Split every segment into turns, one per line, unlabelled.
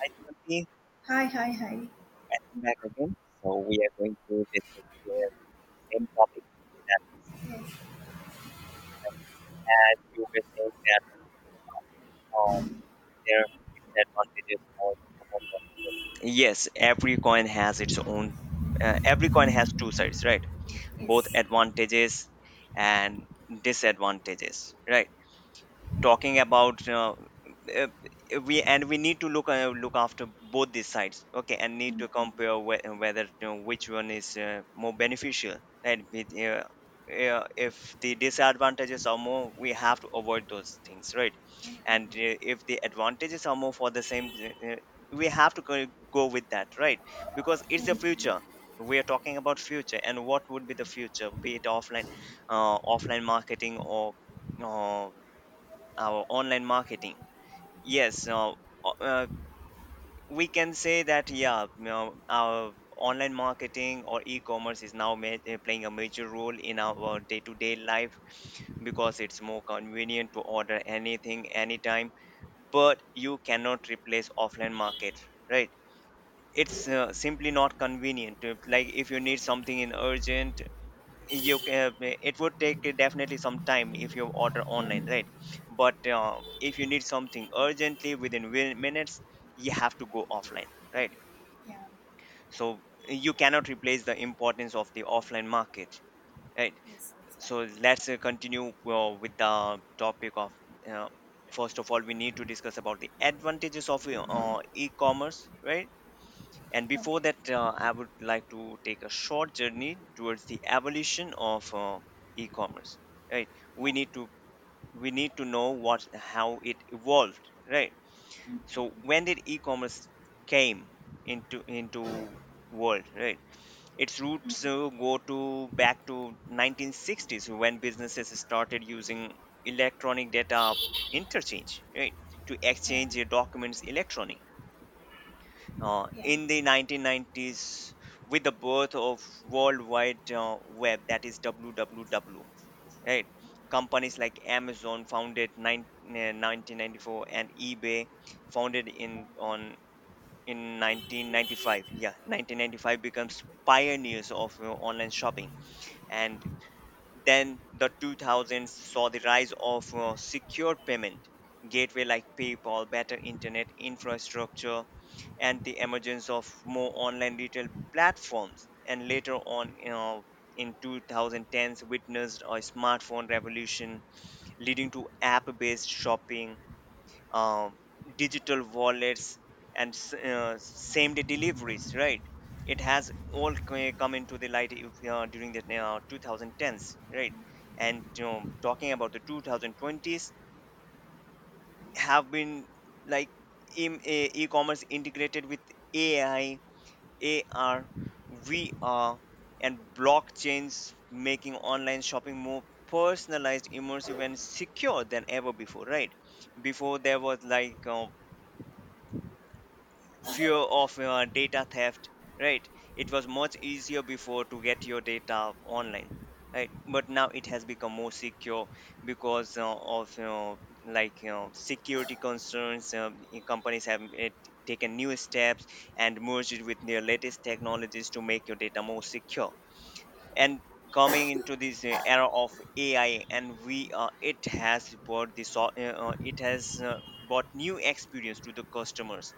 Hi, Timothy.
Hi.
Welcome back again. So we are going to discuss the same topic. That is,
Yes,
as you were saying that uh, there are some disadvantages for the yes, every coin has its own. Every coin has two sides, right? Both
yes,
advantages and disadvantages, right? Talking about uh, we need to look look after both these sides, okay, and need to compare whether, you know, which one is more beneficial, right? If the disadvantages are more, we have to avoid those things, right? And if the advantages are more for the same we have to go with that, right? Because it's the future. We are talking about future and what would be the future, be it offline, offline marketing or our online marketing. Yes. Now o- uh, we can say that, yeah, you know, our online marketing or e-commerce is now playing a major role in our day-to-day life because it's more convenient to order anything anytime. But you cannot replace offline market, right? It's simply not convenient. Like if you need something in urgent, it would take definitely some time if you order online, right? But if you need something urgently within minutes, you have to go offline, right?
yeah,
So you cannot replace the importance of the offline market, right?
yes, that's correct.
So let's continue with the topic of uh, first of all, we need to discuss about the advantages of e-commerce, right? And before
Okay.
that, I would like to take a short journey towards the evolution of e-commerce. Right?
Yeah,
We need to we need to know what how it evolved. Right? So when did e-commerce came into world? Right? Its roots go to back to 1960s when businesses started using electronic data interchange. Right? To
Yeah.
exchange their documents electronically
Yeah,
in the 1990s with the birth of world wide web, that is www, right? Companies like Amazon founded 1994 and eBay founded in 1995, yeah, 1995, becomes pioneers of online shopping. And then the 2000s saw the rise of secure payment gateway like PayPal, better internet infrastructure, and the emergence of more online retail platforms. And later on, you know, in 2010s, witnessed a smartphone revolution leading to app-based shopping, um, digital wallets, and same day deliveries, right? It has all come into the light if, during the 2010s, right? And, you know, talking about the 2020s have been like e-commerce integrated with AI, AR, VR, and blockchains, making online shopping more personalized, immersive, and secure than ever before, right? Before, there was like fear of data theft, right? It was much easier before to get your data online, right? But now it has become more secure because of, you know, like, you know, security concerns, companies have taken new steps and merged it with their latest technologies to make your data more secure. And coming into this era of AI and we it has brought this it has brought new experience to the customers,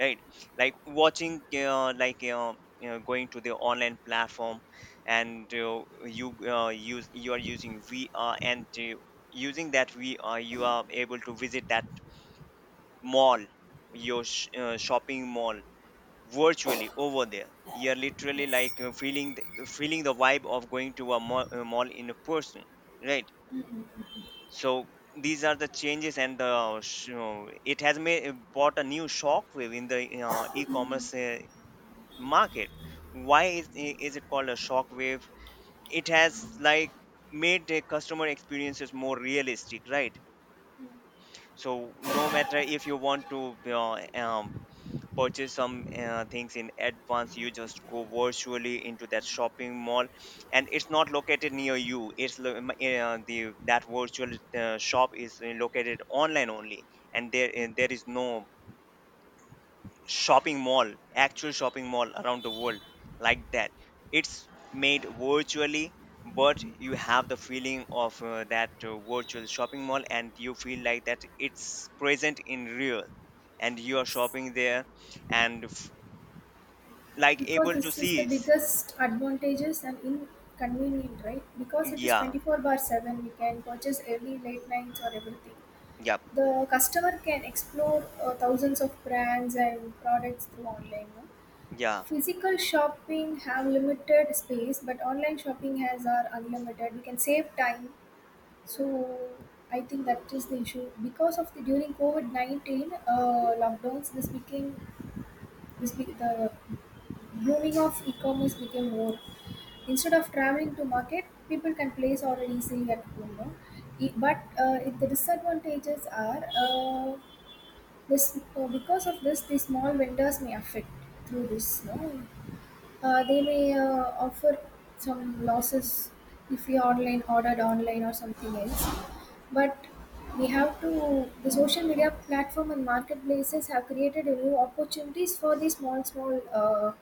right? Like watching you know, going to the online platform and you are using VR and using that VR you are able to visit that mall, your shopping mall virtually. Over there, you're literally
yes,
like feeling the vibe of going to a mall in a person, right? So these are the changes, and the you know, it has made brought a new shockwave in the e-commerce market. Why is, is it called a shockwave? It has like made the customer experiences more realistic, right? So no matter if you want to purchase some things in advance, you just go virtually into that shopping mall, and it's not located near you. It's lo- m- eh, the That virtual shop is located online only, and there is no shopping mall, actual shopping mall, around the world like that. It's made virtually, but you have the feeling of that virtual shopping mall and you feel like that it's present in real and you are
yes,
shopping there. And like
Because
able to
this is the
see
biggest advantages and inconvenient, right? Because it is
yeah.
24 bar 7, we can purchase every late nights or everything.
Yep.
The customer can explore thousands of brands and products through online. No?
Yeah.
Physical shopping have limited space, but online shopping has are unlimited. We can save time. So, I think that is the issue because of the during COVID 19 lockdowns. This became the blooming of e-commerce became more. Instead of traveling to market, people can place order easily at home. No? But if the disadvantages are this because of this, the small vendors may affect through this. No? They may offer some losses if we online ordered online or something else, but we have to, the social media platform and marketplaces have created a new opportunities for the small small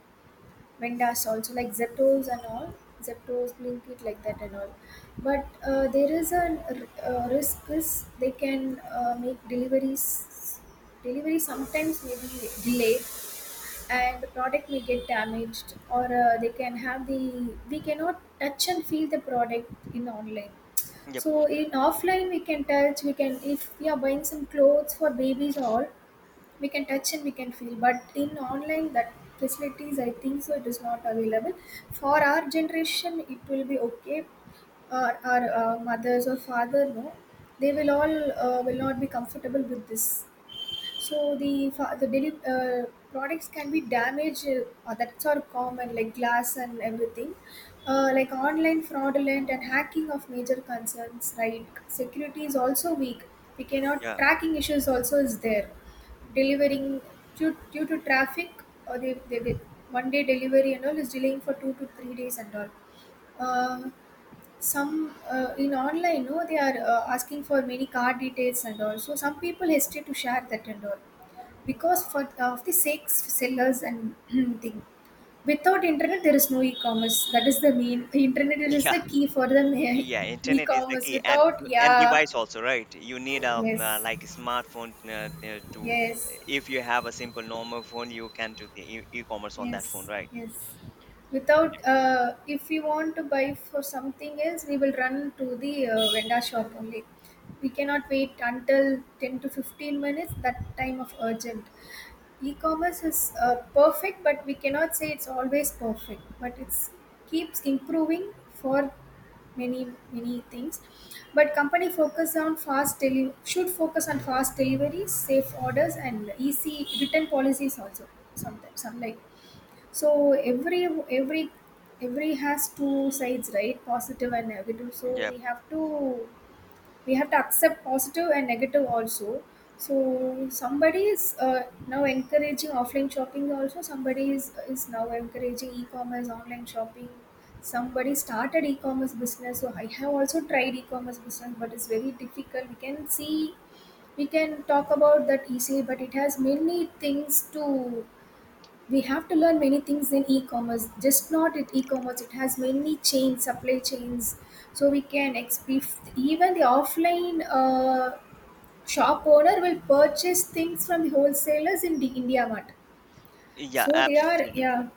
vendors also, like zeptos and all, zeptos, blinkit, like that and all. But there is a, uh, risk is they can make deliveries delivery sometimes may be delayed, and the product may get damaged, or they can have the, we cannot touch and feel the product in online.
Yep.
So in offline we can touch, we can, if we are buying some clothes for babies or all, we can touch and we can feel, but in online that facilities I think so it is not available. For our generation it will be okay. Our mothers or father, no, they will all will not be comfortable with this. So the products can be damaged. That's all common, like glass and everything. Like online fraudulent and hacking of major concerns, right? Security is also weak. We cannot,
Yeah.
tracking issues also is there. Delivering, due to traffic, or they, one day delivery and all is delaying for 2 to 3 days and all. Uh, some in online, no, they are asking for many card details and all, so some people hesitate to share that and all, because for of the six sellers and thing. Without internet there is no e-commerce, that is the main, internet is
Yeah.
the key for the
Yeah,
ma-
internet is the
e-commerce
key. and
without,
and
yeah
device also, right? You need a
yes
like a smartphone to
yes
if you have a simple normal phone, you can do the e-commerce on that phone,
yes
right?
yes Without if we want to buy for something else, we will run to the vendor shop only. We cannot wait until 10 to 15 minutes. That time of urgent, e-commerce is perfect, but we cannot say it's always perfect, but it's keeps improving for many many things. But company focus on fast deli- should focus on fast deliveries, safe orders, and easy return policies also. Sometimes some, like, so every has two sides, right, positive and negative, so
Yep.
we have to, we have to accept positive and negative also. So somebody is now encouraging offline shopping also. Somebody is now encouraging e-commerce, online shopping. Somebody started e-commerce business. So I have also tried e-commerce business, but it's very difficult. We can see, we can talk about that easily, but it has many things to, we have to learn many things in e-commerce, just not in e-commerce, it has many chains, supply chains. So we can exp- if even the offline shop owner will purchase things from the wholesalers in the india mart.
Yeah,
So they are,
absolutely.
yeah,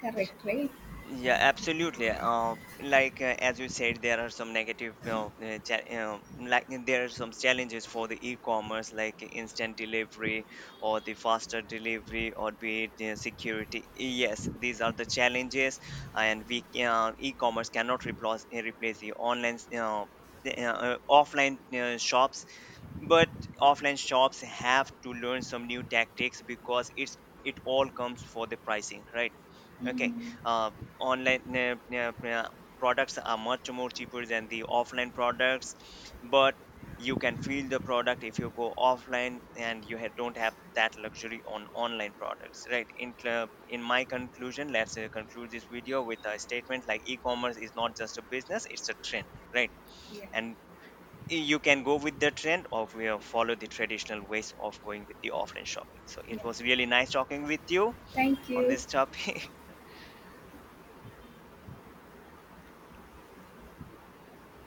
correct, right.
Yeah, absolutely. Like as you said, there are some negative, you know, you know, like, there are some challenges for the e-commerce, like instant delivery or the faster delivery, or be it security. Yes, these are the challenges, and we e-commerce cannot replace replace the online, you know, the, offline shops. But offline shops have to learn some new tactics because it's it all comes for the pricing, right? Okay.
Mm.
uh, Online products are much more cheaper than the offline products, but you can feel the product if you go offline, and don't have that luxury on online products, right? In my conclusion, let's conclude this video with a statement like e-commerce is not just a business, it's a trend, right?
Yeah,
And you can go with the trend or we will follow the traditional ways of going with the offline shopping. So
yeah,
it was really nice talking with you
thank
on
you.
this topic.